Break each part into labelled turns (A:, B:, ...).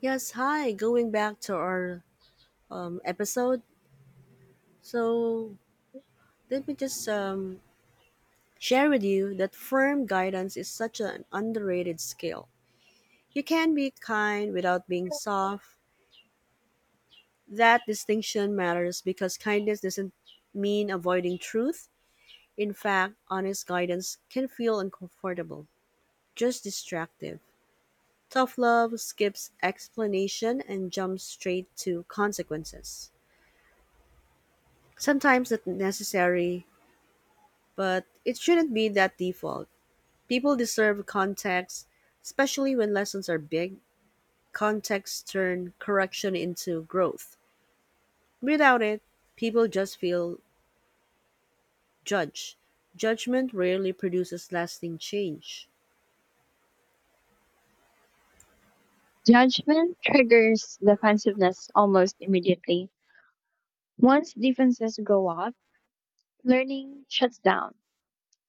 A: Yes, hi. Going back to our episode, so let me just share with you that firm guidance is such an underrated skill. You can be kind without being soft. That distinction matters because kindness doesn't mean avoiding truth. In fact, honest guidance can feel uncomfortable, just distractive. Tough love skips explanation and jumps straight to consequences. Sometimes the necessary, but it shouldn't be that default. People deserve context, especially when lessons are big. Context turn correction into growth. Without it, people just feel judged. Judgment rarely produces lasting change.
B: Judgment triggers defensiveness almost immediately. Once defenses go up, learning shuts down.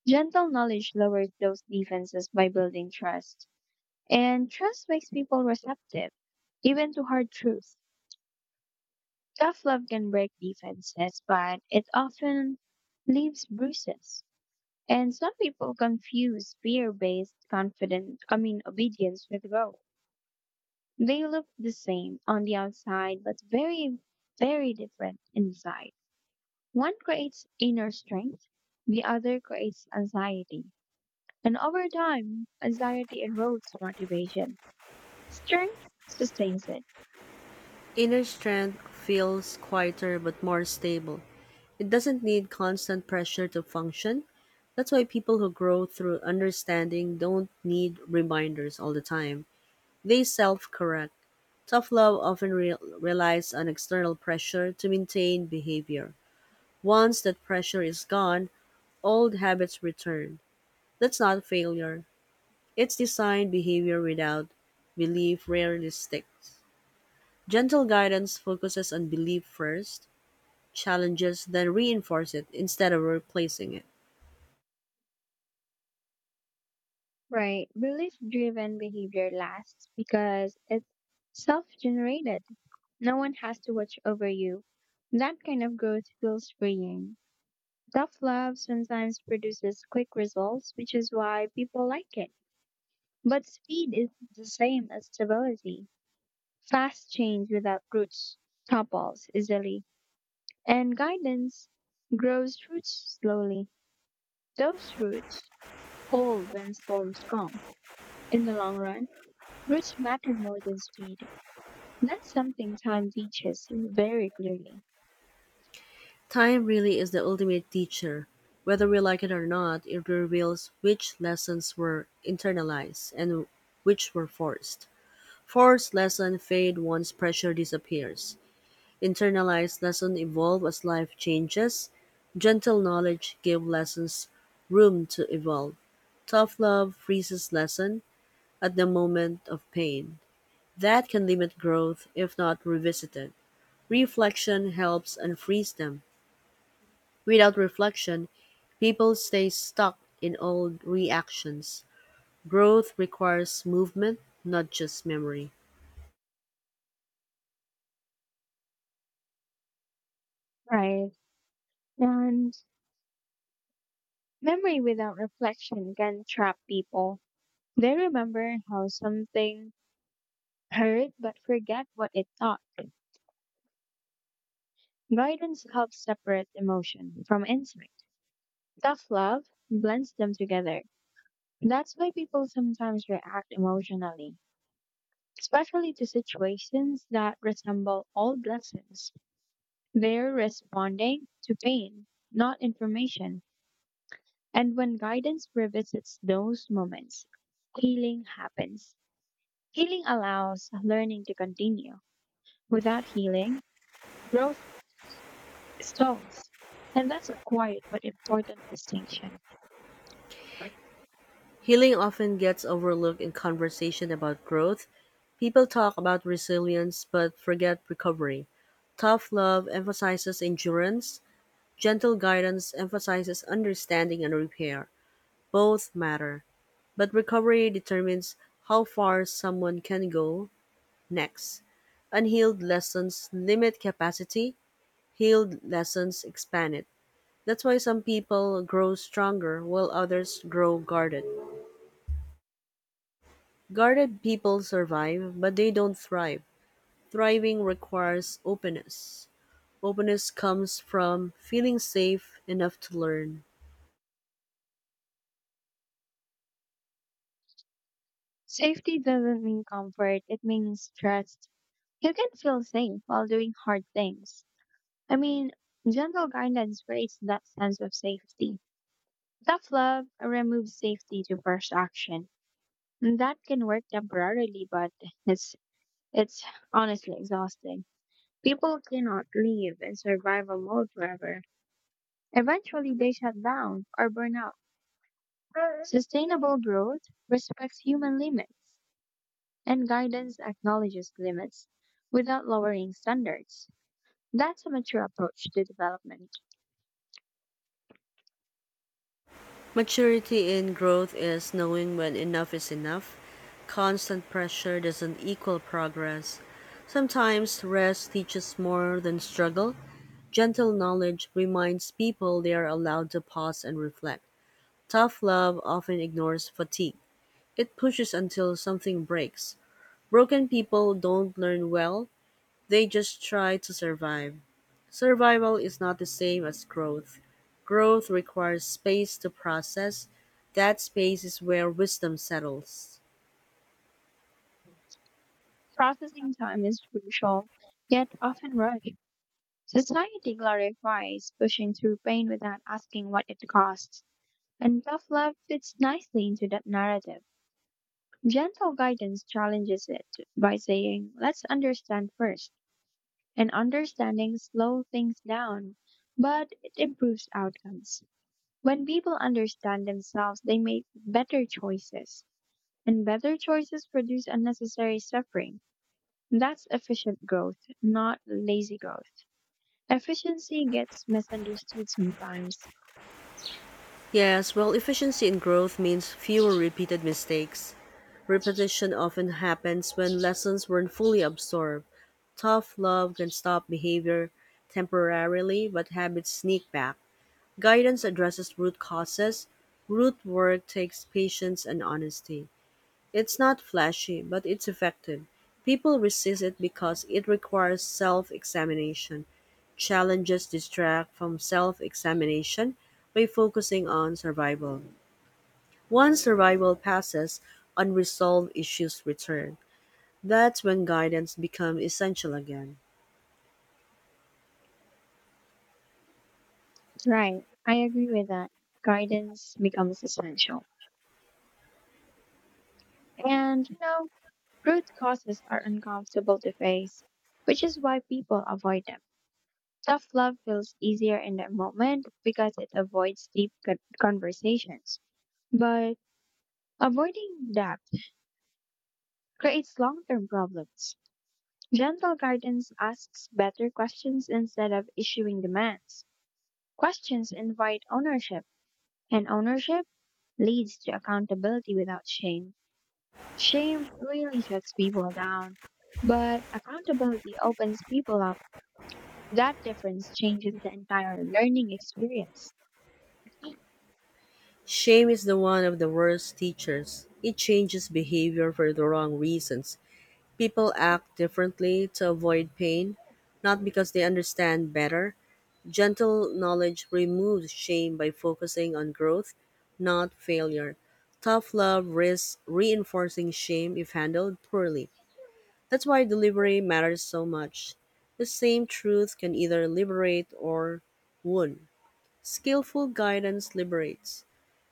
B: Gentle knowledge lowers those defenses by building trust. And trust makes people receptive, even to hard truths. Tough love can break defenses, but it often leaves bruises. And some people confuse fear based confidence, I mean, obedience with growth. They look the same on the outside, but very, very different inside. One creates inner strength, the other creates anxiety. And over time, anxiety erodes motivation. Strength sustains it.
A: Inner strength feels quieter but more stable. It doesn't need constant pressure to function. That's why people who grow through understanding don't need reminders all the time. They self correct. Tough love often relies on external pressure to maintain behavior. Once that pressure is gone, old habits return. That's not failure. It's designed behavior without belief rarely sticks. Gentle guidance focuses on belief first, challenges, then reinforce it instead of replacing it.
B: Right. Belief driven behavior lasts because it's self generated. No one has to watch over you. That kind of growth feels freeing. Tough love sometimes produces quick results, which is why people like it. But speed isn't the same as stability. Fast change without roots topples easily, and guidance grows roots slowly. Those roots hold when storms come. In the long run, roots matter more than speed. That's something time teaches very clearly.
A: Time really is the ultimate teacher. Whether we like it or not, it reveals which lessons were internalized and which were forced. Force lessons fade once pressure disappears. Internalized lessons evolve as life changes. Gentle knowledge gives lessons room to evolve. Tough love freezes lesson at the moment of pain. That can limit growth if not revisited. Reflection helps unfreeze them. Without reflection, people stay stuck in old reactions. Growth requires movement, not just memory.
B: Right. And memory without reflection can trap people. They remember how something hurt but forget what it taught. Guidance helps separate emotion from instinct. Tough love blends them together. That's why people sometimes react emotionally, especially to situations that resemble old lessons. They're responding to pain, not information. And when guidance revisits those moments, healing happens. Healing allows learning to continue. Without healing, growth stalls. And that's a quiet but important distinction.
A: Healing often gets overlooked in conversation about growth. People talk about resilience but forget recovery. Tough love emphasizes endurance, gentle guidance emphasizes understanding and repair. Both matter, but recovery determines how far someone can go next. Unhealed lessons limit capacity, healed lessons expand it. That's why some people grow stronger while others grow guarded. Guarded people survive, but they don't thrive. Thriving requires openness. Openness comes from feeling safe enough to learn.
B: Safety doesn't mean comfort, it means trust. You can feel safe while doing hard things. I mean, gentle guidance creates that sense of safety. Tough love removes safety to first action. And that can work temporarily, but it's it's honestly exhausting. People cannot live in survival mode forever. Eventually they shut down or burn out. Sustainable growth respects human limits, and guidance acknowledges limits without lowering standards. That's a mature approach to development.
A: Maturity in growth is knowing when enough is enough. Constant pressure doesn't equal progress. Sometimes rest teaches more than struggle. Gentle knowledge reminds people they are allowed to pause and reflect. Tough love often ignores fatigue. It pushes until something breaks. Broken people don't learn well, they just try to survive. Survival is not the same as growth. Growth requires space to process. That space is where wisdom settles.
B: Processing time is crucial, yet often rushed. Society glorifies pushing through pain without asking what it costs, and tough love fits nicely into that narrative. Gentle guidance challenges it by saying, let's understand first, and understanding slows things down, but it improves outcomes. When people understand themselves, they make better choices, and better choices produce unnecessary suffering. That's efficient growth, not lazy growth. Efficiency gets misunderstood sometimes.
A: Yes, well, efficiency in growth means fewer repeated mistakes. Repetition often happens when lessons weren't fully absorbed. Tough love can stop behavior temporarily, but habits sneak back. Guidance addresses root causes; root work takes patience and honesty. It's not flashy, but it's effective. People resist it because it requires self examination. Challenges distract from self examination by focusing on survival. Once survival passes, unresolved issues return. That's when guidance becomes essential again.
B: Right, I agree with that. Guidance becomes essential. And root causes are uncomfortable to face, which is why people avoid them. Tough love feels easier in that moment because it avoids deep conversations. But avoiding debt creates long-term problems. Gentle guidance asks better questions instead of issuing demands. Questions invite ownership, and ownership leads to accountability without shame. Shame really shuts people down, but accountability opens people up. That difference changes the entire learning experience.
A: Shame is the one of the worst teachers. It changes behavior for the wrong reasons. People act differently to avoid pain, not because they understand better. Gentle knowledge removes shame by focusing on growth, not failure. Tough love risks reinforcing shame if handled poorly. That's why delivery matters so much. The same truth can either liberate or wound. Skillful guidance liberates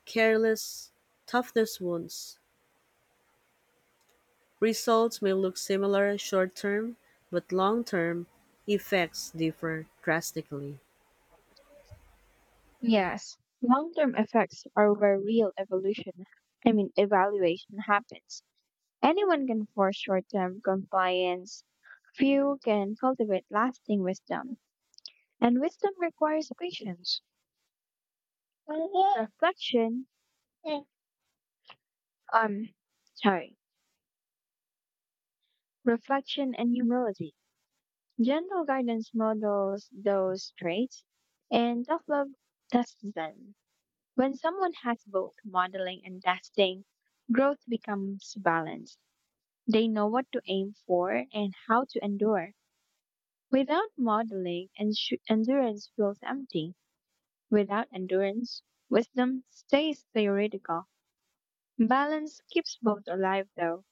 A: careless, toughness wounds. Results may look similar short term, but long term effects differ drastically.
B: Yes, long-term effects are where real evolution, I mean evaluation happens. Anyone can force short term compliance, few can cultivate lasting wisdom, and wisdom requires patience, reflection, um, sorry, reflection and humility. Gentle guidance models those traits, and tough love tests them. When someone has both modeling and testing, growth becomes balanced. They know what to aim for and how to endure. Without modeling, endurance feels empty. Without endurance, wisdom stays theoretical. Balance keeps both alive, though.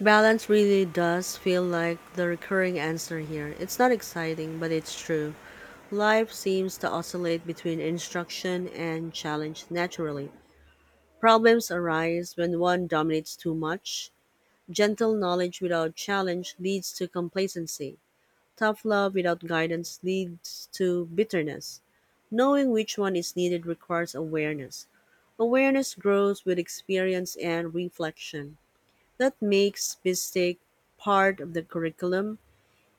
A: Balance really does feel like the recurring answer here. It's not exciting, but it's true. Life seems to oscillate between instruction and challenge naturally. Problems arise when one dominates too much. Gentle knowledge without challenge leads to complacency. Tough love without guidance leads to bitterness. Knowing which one is needed requires awareness. Awareness grows with experience and reflection. That makes mistake part of the curriculum.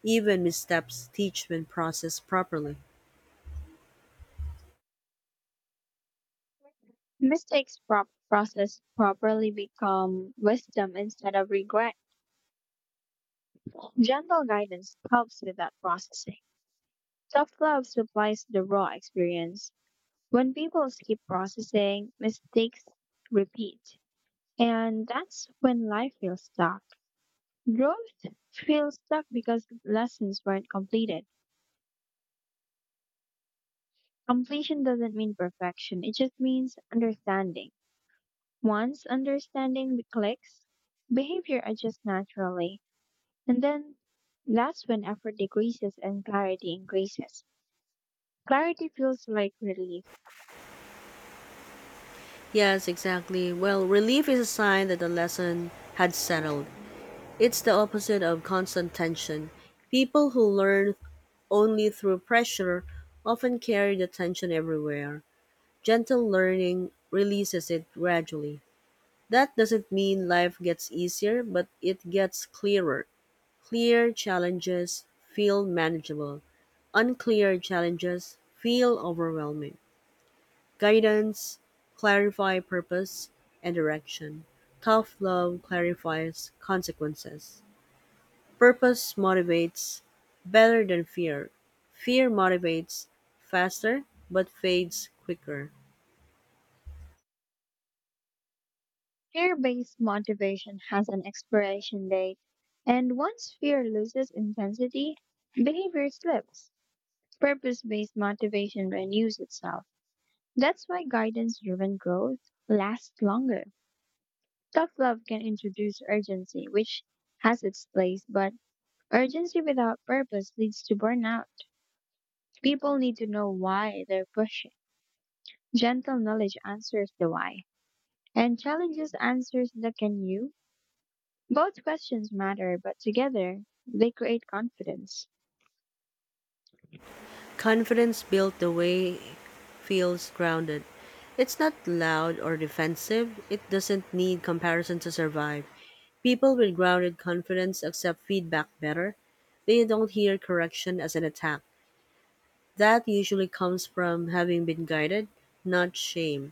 A: Even missteps teach when processed properly.
B: Mistakes processed properly become wisdom instead of regret. Gentle guidance helps with that processing. Tough love supplies the raw experience. When people skip processing, mistakes repeat. And that's when life feels stuck. Growth feels stuck because lessons weren't completed. Completion doesn't mean perfection, it just means understanding. Once understanding clicks, behavior adjusts naturally. And then that's when effort decreases and clarity increases. Clarity feels like relief.
A: Yes, exactly. Well, relief is a sign that the lesson had settled. It's the opposite of constant tension. People who learn only through pressure often carry the tension everywhere. Gentle learning releases it gradually. That doesn't mean life gets easier, but it gets clearer. Clear challenges feel manageable. Unclear challenges feel overwhelming. Guidance clarify purpose and direction. Tough love clarifies consequences. Purpose motivates better than fear. Fear motivates faster but fades quicker.
B: Fear based motivation has an expiration date. And once fear loses intensity, behavior slips. Purpose based motivation renews itself. That's why guidance driven growth lasts longer. Tough love can introduce urgency, which has its place, but urgency without purpose leads to burnout. People need to know why they're pushing. Gentle knowledge answers the why, and challenges answers the can you. Both questions matter, but together they create confidence.
A: Confidence built the way feels grounded. It's not loud or defensive. It doesn't need comparison to survive. People with grounded confidence accept feedback better. They don't hear correction as an attack. That usually comes from having been guided, not shame.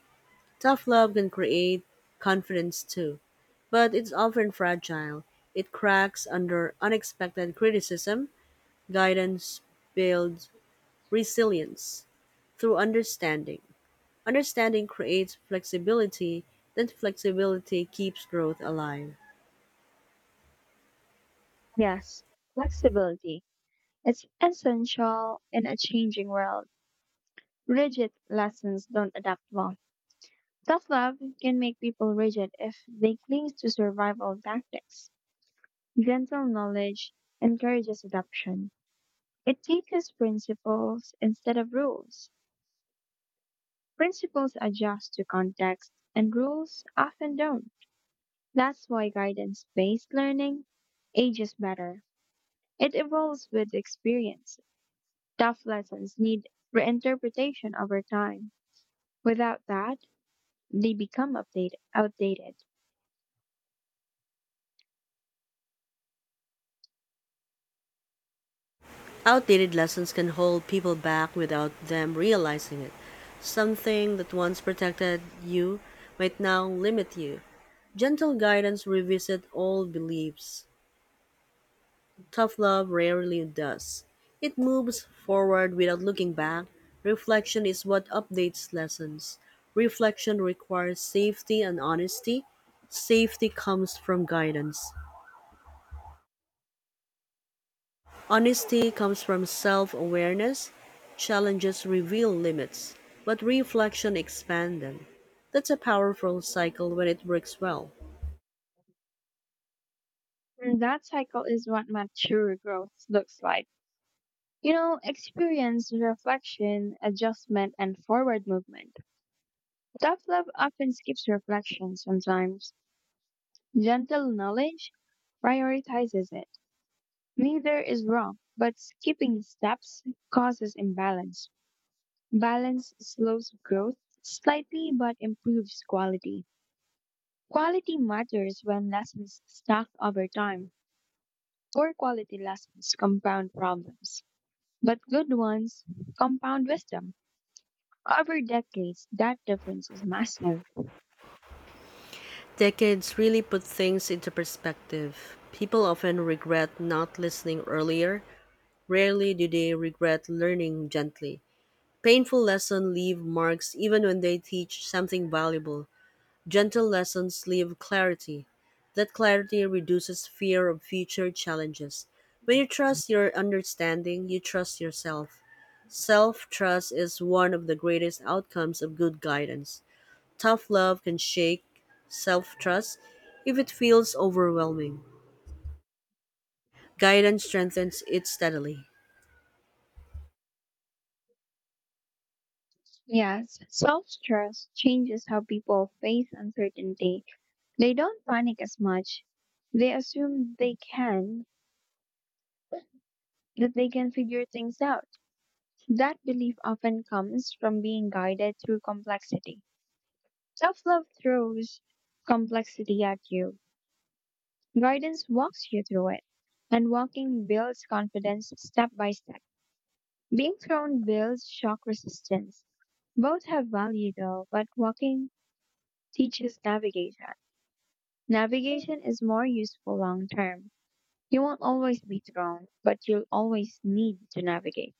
A: Tough love can create confidence too, but it's often fragile. It cracks under unexpected criticism. Guidance builds resilience through understanding. Understanding creates flexibility, then flexibility keeps growth alive.
B: Yes, flexibility. It's essential in a changing world. Rigid lessons don't adapt well. Self love can make people rigid if they cling to survival tactics. Gentle knowledge encourages adoption. It teaches principles instead of rules. Principles adjust to context, and rules often don't. That's why guidance based learning ages better. It evolves with experience. Tough lessons need reinterpretation over time. Without that, they become outdated.
A: Outdated lessons can hold people back without them realizing it. Something that once protected you might now limit you. Gentle guidance revisit old beliefs. Tough love rarely does. It moves forward without looking back. Reflection is what updates lessons. Reflection requires safety and honesty. Safety comes from guidance. Honesty comes from self awareness. Challenges reveal limits, but reflection expands them. That's a powerful cycle when it works well.
B: And that cycle is what mature growth looks like. You know, experience, reflection, adjustment, and forward movement. Tough love often skips reflection sometimes. Gentle knowledge prioritizes it. Neither is wrong, but skipping steps causes imbalance. Balance slows growth slightly but improves quality. Quality matters when lessons stack over time. Poor quality lessons compound problems. But good ones compound wisdom over decades. That difference is massive.
A: Decades really put things into perspective. People often regret not listening earlier, rarely do they regret learning gently. Painful lessons leave marks even when they teach something valuable. Gentle lessons leave clarity. That clarity reduces fear of future challenges. When you trust your understanding, you trust yourself. Self trust is one of the greatest outcomes of good guidance. Tough love can shake self trust if it feels overwhelming. Guidance strengthens it steadily.
B: Yes, self trust changes how people face uncertainty. They don't panic as much. They assume they can, that they can figure things out. That belief often comes from being guided through complexity. Self love throws complexity at you, guidance walks you through it, and walking builds confidence step by step. Being thrown builds shock resistance. Both have value though, but walking teaches navigation. Navigation is more useful long term. You won't always be thrown, but you'll always need to navigate.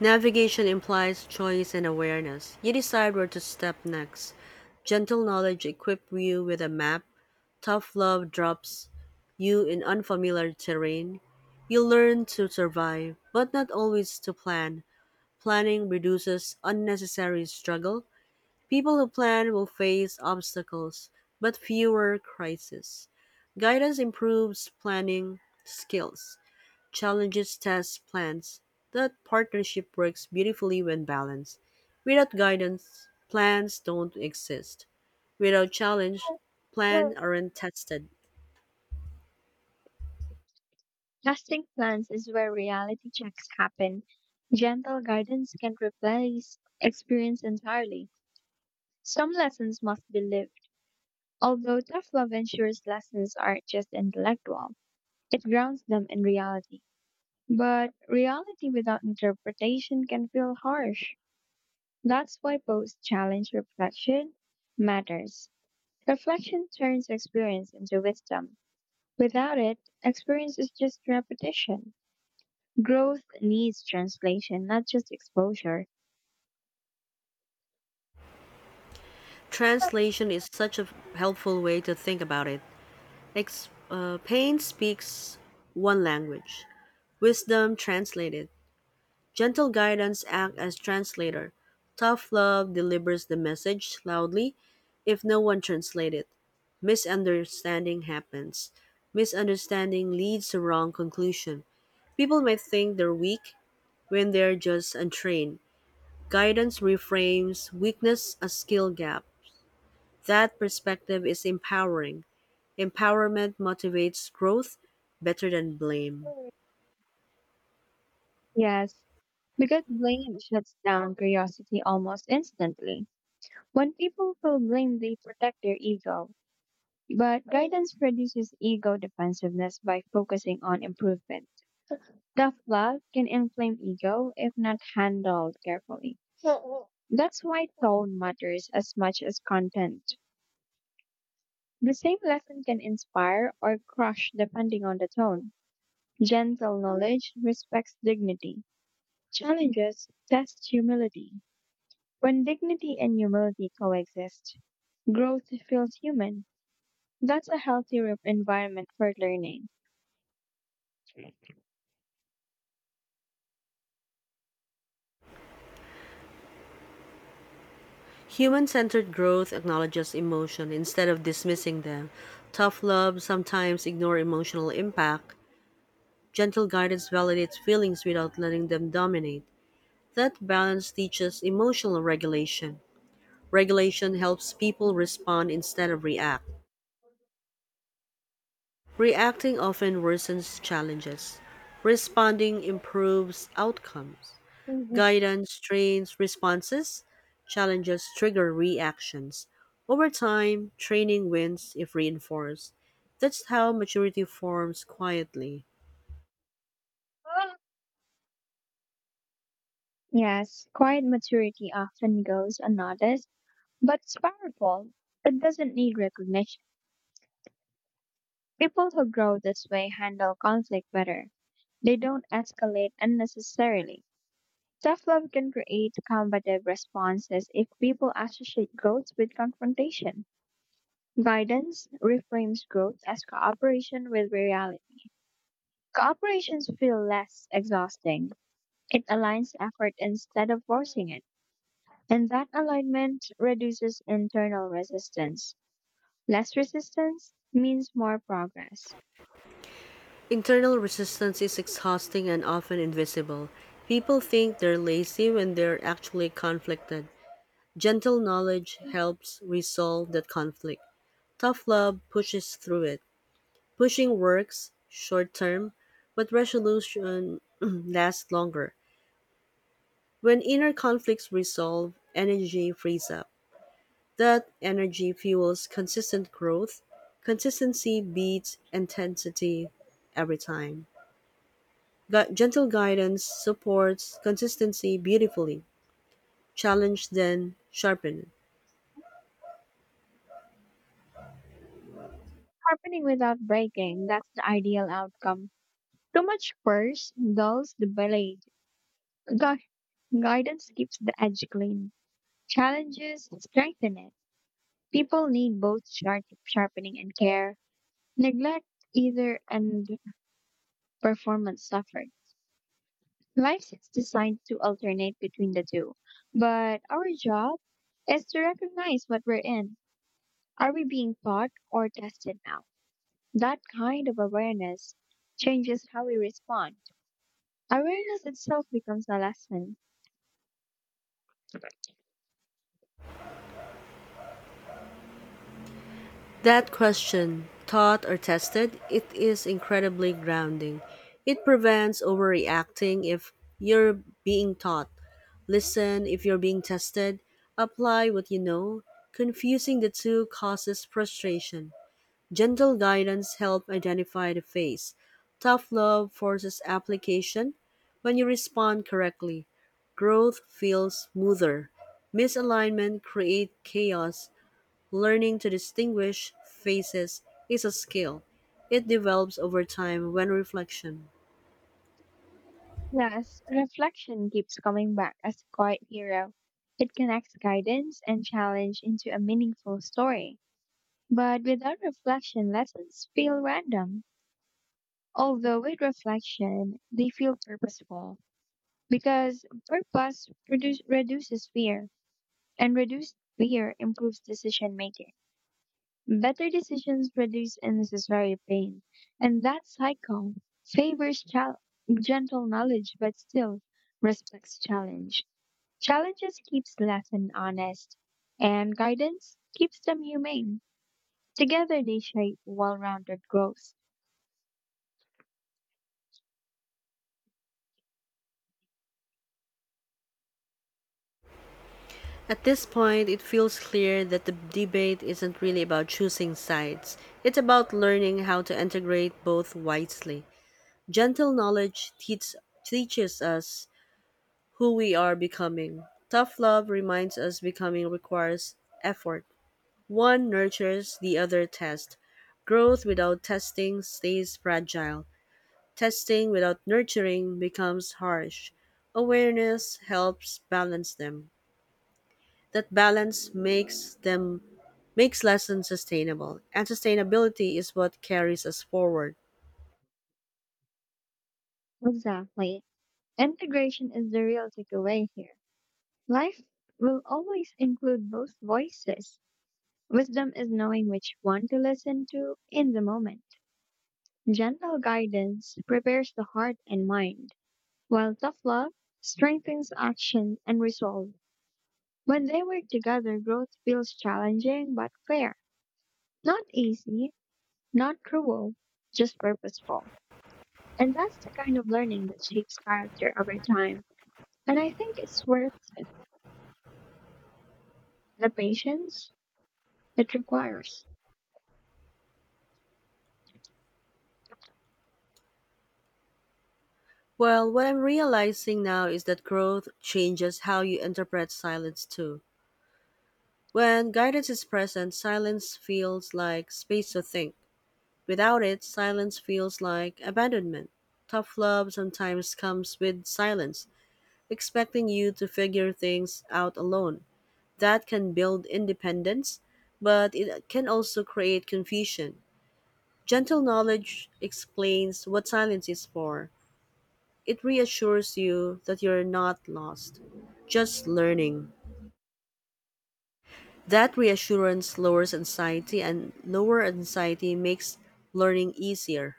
A: Navigation implies choice and awareness. You decide where to step next. Gentle knowledge equips you with a map. Tough love drops you in unfamiliar terrain. You learn to survive, but not always to plan. Planning reduces unnecessary struggle. People who plan will face obstacles, but fewer crises. Guidance improves planning skills, challenges test plans. That partnership works beautifully when balanced. Without guidance, plans don't exist. Without challenge, plans aren't tested.
B: Casting plans is where reality checks happen. Gentle guidance can replace experience entirely. Some lessons must be lived, although tough love ensures lessons aren't just intellectual. It grounds them in reality. But reality without interpretation can feel harsh. That's why post challenge reflection matters. Reflection turns experience into wisdom. Without it, experience is just repetition. Growth needs translation, not just exposure.
A: Translation is such a helpful way to think about it. Payne speaks one language, wisdom translated. Gentle guidance acts as translator. Tough love delivers the message loudly if no one translates it. Misunderstanding happens. Misunderstanding leads to wrong conclusion. People might think they're weak when they're just untrained. Guidance reframes weakness as skill gap. That perspective is empowering. Empowerment motivates growth better than blame.
B: Yes, because blame shuts down curiosity almost instantly. When people feel blame, they protect their ego. But guidance reduces ego defensiveness by focusing on improvement. Self-love can inflame ego if not handled carefully. That's why tone matters as much as content. The same lesson can inspire or crush depending on the tone. Gentle knowledge respects dignity. Challenges test humility. When dignity and humility coexist, growth feels human. That's a healthy environment for learning.
A: Human centered growth acknowledges emotion instead of dismissing them. Tough love sometimes ignores emotional impact. Gentle guidance validates feelings without letting them dominate. That balance teaches emotional regulation. Regulation helps people respond instead of react. Reacting often worsens challenges. Responding improves outcomes. Guidance trains responses, challenges trigger reactions. Over time, training wins if reinforced. That's how maturity forms quietly.
B: Yes, quiet maturity often goes unnoticed, but it's powerful. It doesn't need recognition. People who grow this way handle conflict better. They don't escalate unnecessarily. Self love can create combative responses if people associate growth with confrontation. Guidance reframes growth as cooperation with reality. Cooperations feel less exhausting. It aligns effort instead of forcing it. And that alignment reduces internal resistance. Less resistance means more progress.
A: Internal resistance is exhausting and often invisible. People think they're lazy when they're actually conflicted. Gentle knowledge helps resolve that conflict. Tough love pushes through it. Pushing works short term, but resolution lasts longer. When inner conflicts resolve, energy frees up. That energy fuels consistent growth. Consistency beats intensity every time. Gentle guidance supports consistency beautifully. Challenge then sharpen it.
B: Happening without breaking, that's the ideal outcome. Too much force dulls the blade. Gui- guidance keeps the edge clean. Challenges strengthen it. People need both sharpening and care. Neglect either and performance suffered. Life is designed to alternate between the two, but our job is to recognize what we're in. Are we being taught or tested now? That kind of awareness changes how we respond. Awareness itself becomes a lesson.
A: That question, taught or tested, it is incredibly grounding. It prevents overreacting if you're being taught. Listen if you're being tested. Apply what you know. Confusing the two causes frustration. Gentle guidance helps identify the phase. Tough love forces application when you respond correctly. Growth feels smoother. Misalignment creates chaos. Learning to distinguish faces is a skill. It develops over time when reflection.
B: Plus, reflection keeps coming back as a quiet hero. It connects guidance and challenge into a meaningful story. But without reflection, lessons feel random. Although with reflection, they feel purposeful. Because purpose reduces fear, and reduced fear improves decision making. Better decisions reduce unnecessary pain, and that cycle favors gentle knowledge but still respects challenge. Challenges keeps lesson honest, and guidance keeps them humane. Together they shape well-rounded growth.
A: At this point, it feels clear that the debate isn't really about choosing sides. It's about learning how to integrate both wisely. Gentle knowledge teach, teaches us who we are becoming. Tough love reminds us becoming requires effort. One nurtures, the other tests. Growth without testing stays fragile. Testing without nurturing becomes harsh. Awareness helps balance them. That balance makes them makes lessons sustainable, and sustainability is what carries us forward.
B: Exactly. Integration is the real takeaway here. Life will always include both voices. Wisdom is knowing which one to listen to in the moment. Gentle guidance prepares the heart and mind, while tough love strengthens action and resolve. When they work together, growth feels challenging but fair. Not easy, not cruel, just purposeful. And that's the kind of learning that shapes character over time. And I think it's worth the patience it requires.
A: Well, what I'm realizing now is that growth changes how you interpret silence too. When guidance is present, silence feels like space to think. Without it, silence feels like abandonment. Tough love sometimes comes with silence, expecting you to figure things out alone. That can build independence, but it can also create confusion. Gentle knowledge explains what silence is for. It reassures you that you're not lost, just learning. That reassurance lowers anxiety, and lower anxiety makes learning easier.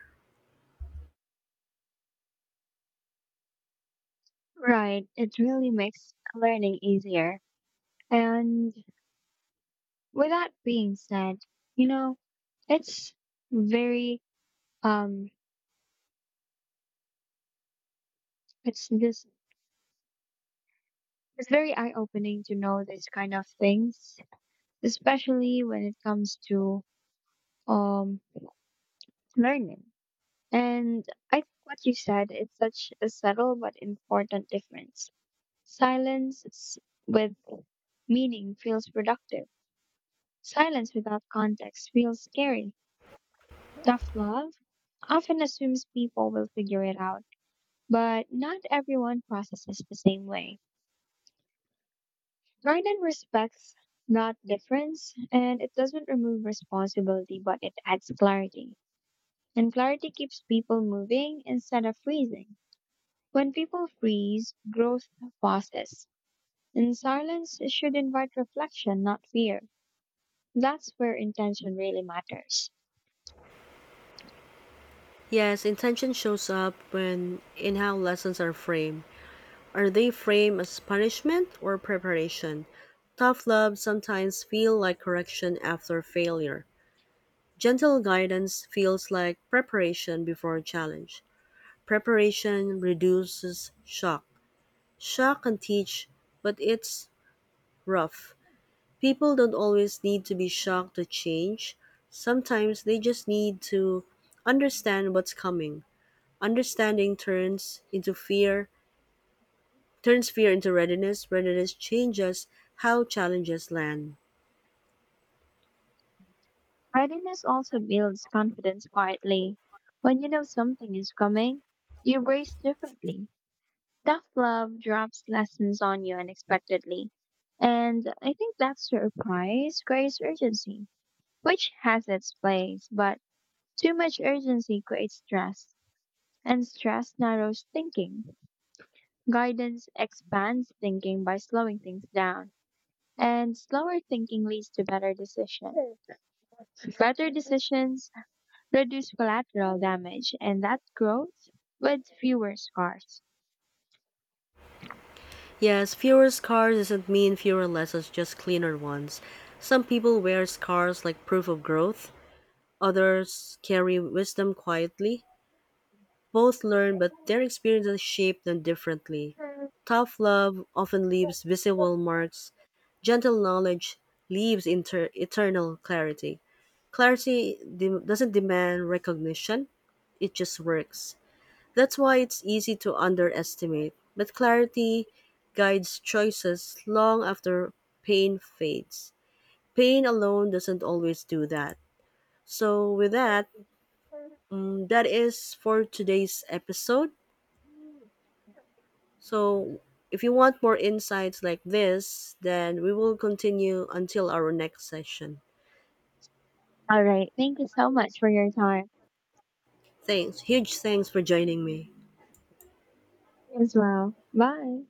B: Right, it really makes learning easier. And with that being said, you know, it's very um it's just it's very eye opening to know these kind of things, especially when it comes to um learning, and I think what you said, it's such a subtle but important difference. Silence with meaning feels productive. Silence without context feels scary. Tough love often assumes people will figure it out, but not everyone processes the same way. Garden respects that difference, and it doesn't remove responsibility, but it adds clarity. And clarity keeps people moving instead of freezing. When people freeze, growth pauses. And silence should invite reflection, not fear. That's where intention really matters.
A: Yes, intention shows up when in how lessons are framed. Are they framed as punishment or preparation? Tough love sometimes feels like correction after failure. Gentle guidance feels like preparation before challenge. Preparation reduces shock. Shock can teach, but it's rough. People don't always need to be shocked to change. Sometimes they just need to understand what's coming. Understanding turns into fear turns fear into readiness. Readiness changes how challenges land.
B: Readiness also builds confidence quietly. When you know something is coming, you brace differently. Tough love drops lessons on you unexpectedly. And I think that surprise creates urgency, which has its place, but too much urgency creates stress, and stress narrows thinking. Guidance expands thinking by slowing things down, and slower thinking leads to better decisions. Better decisions reduce collateral damage, and that growth with fewer scars.
A: Yes, fewer scars doesn't mean fewer lessons, just cleaner ones. Some people wear scars like proof of growth, others carry wisdom quietly. Both learn, but their experiences shape them differently. Tough love often leaves visible marks, gentle knowledge leaves eternal clarity. Doesn't demand recognition, it just works. That's why it's easy to underestimate, but clarity guides choices long after pain fades. Pain alone doesn't always do that. So, with that, that is for today's episode. So, if you want more insights like this, then we will continue until our next session.
B: All right. Thank you so much for your time
A: Thanks. Huge thanks for joining me.
B: as well. Bye.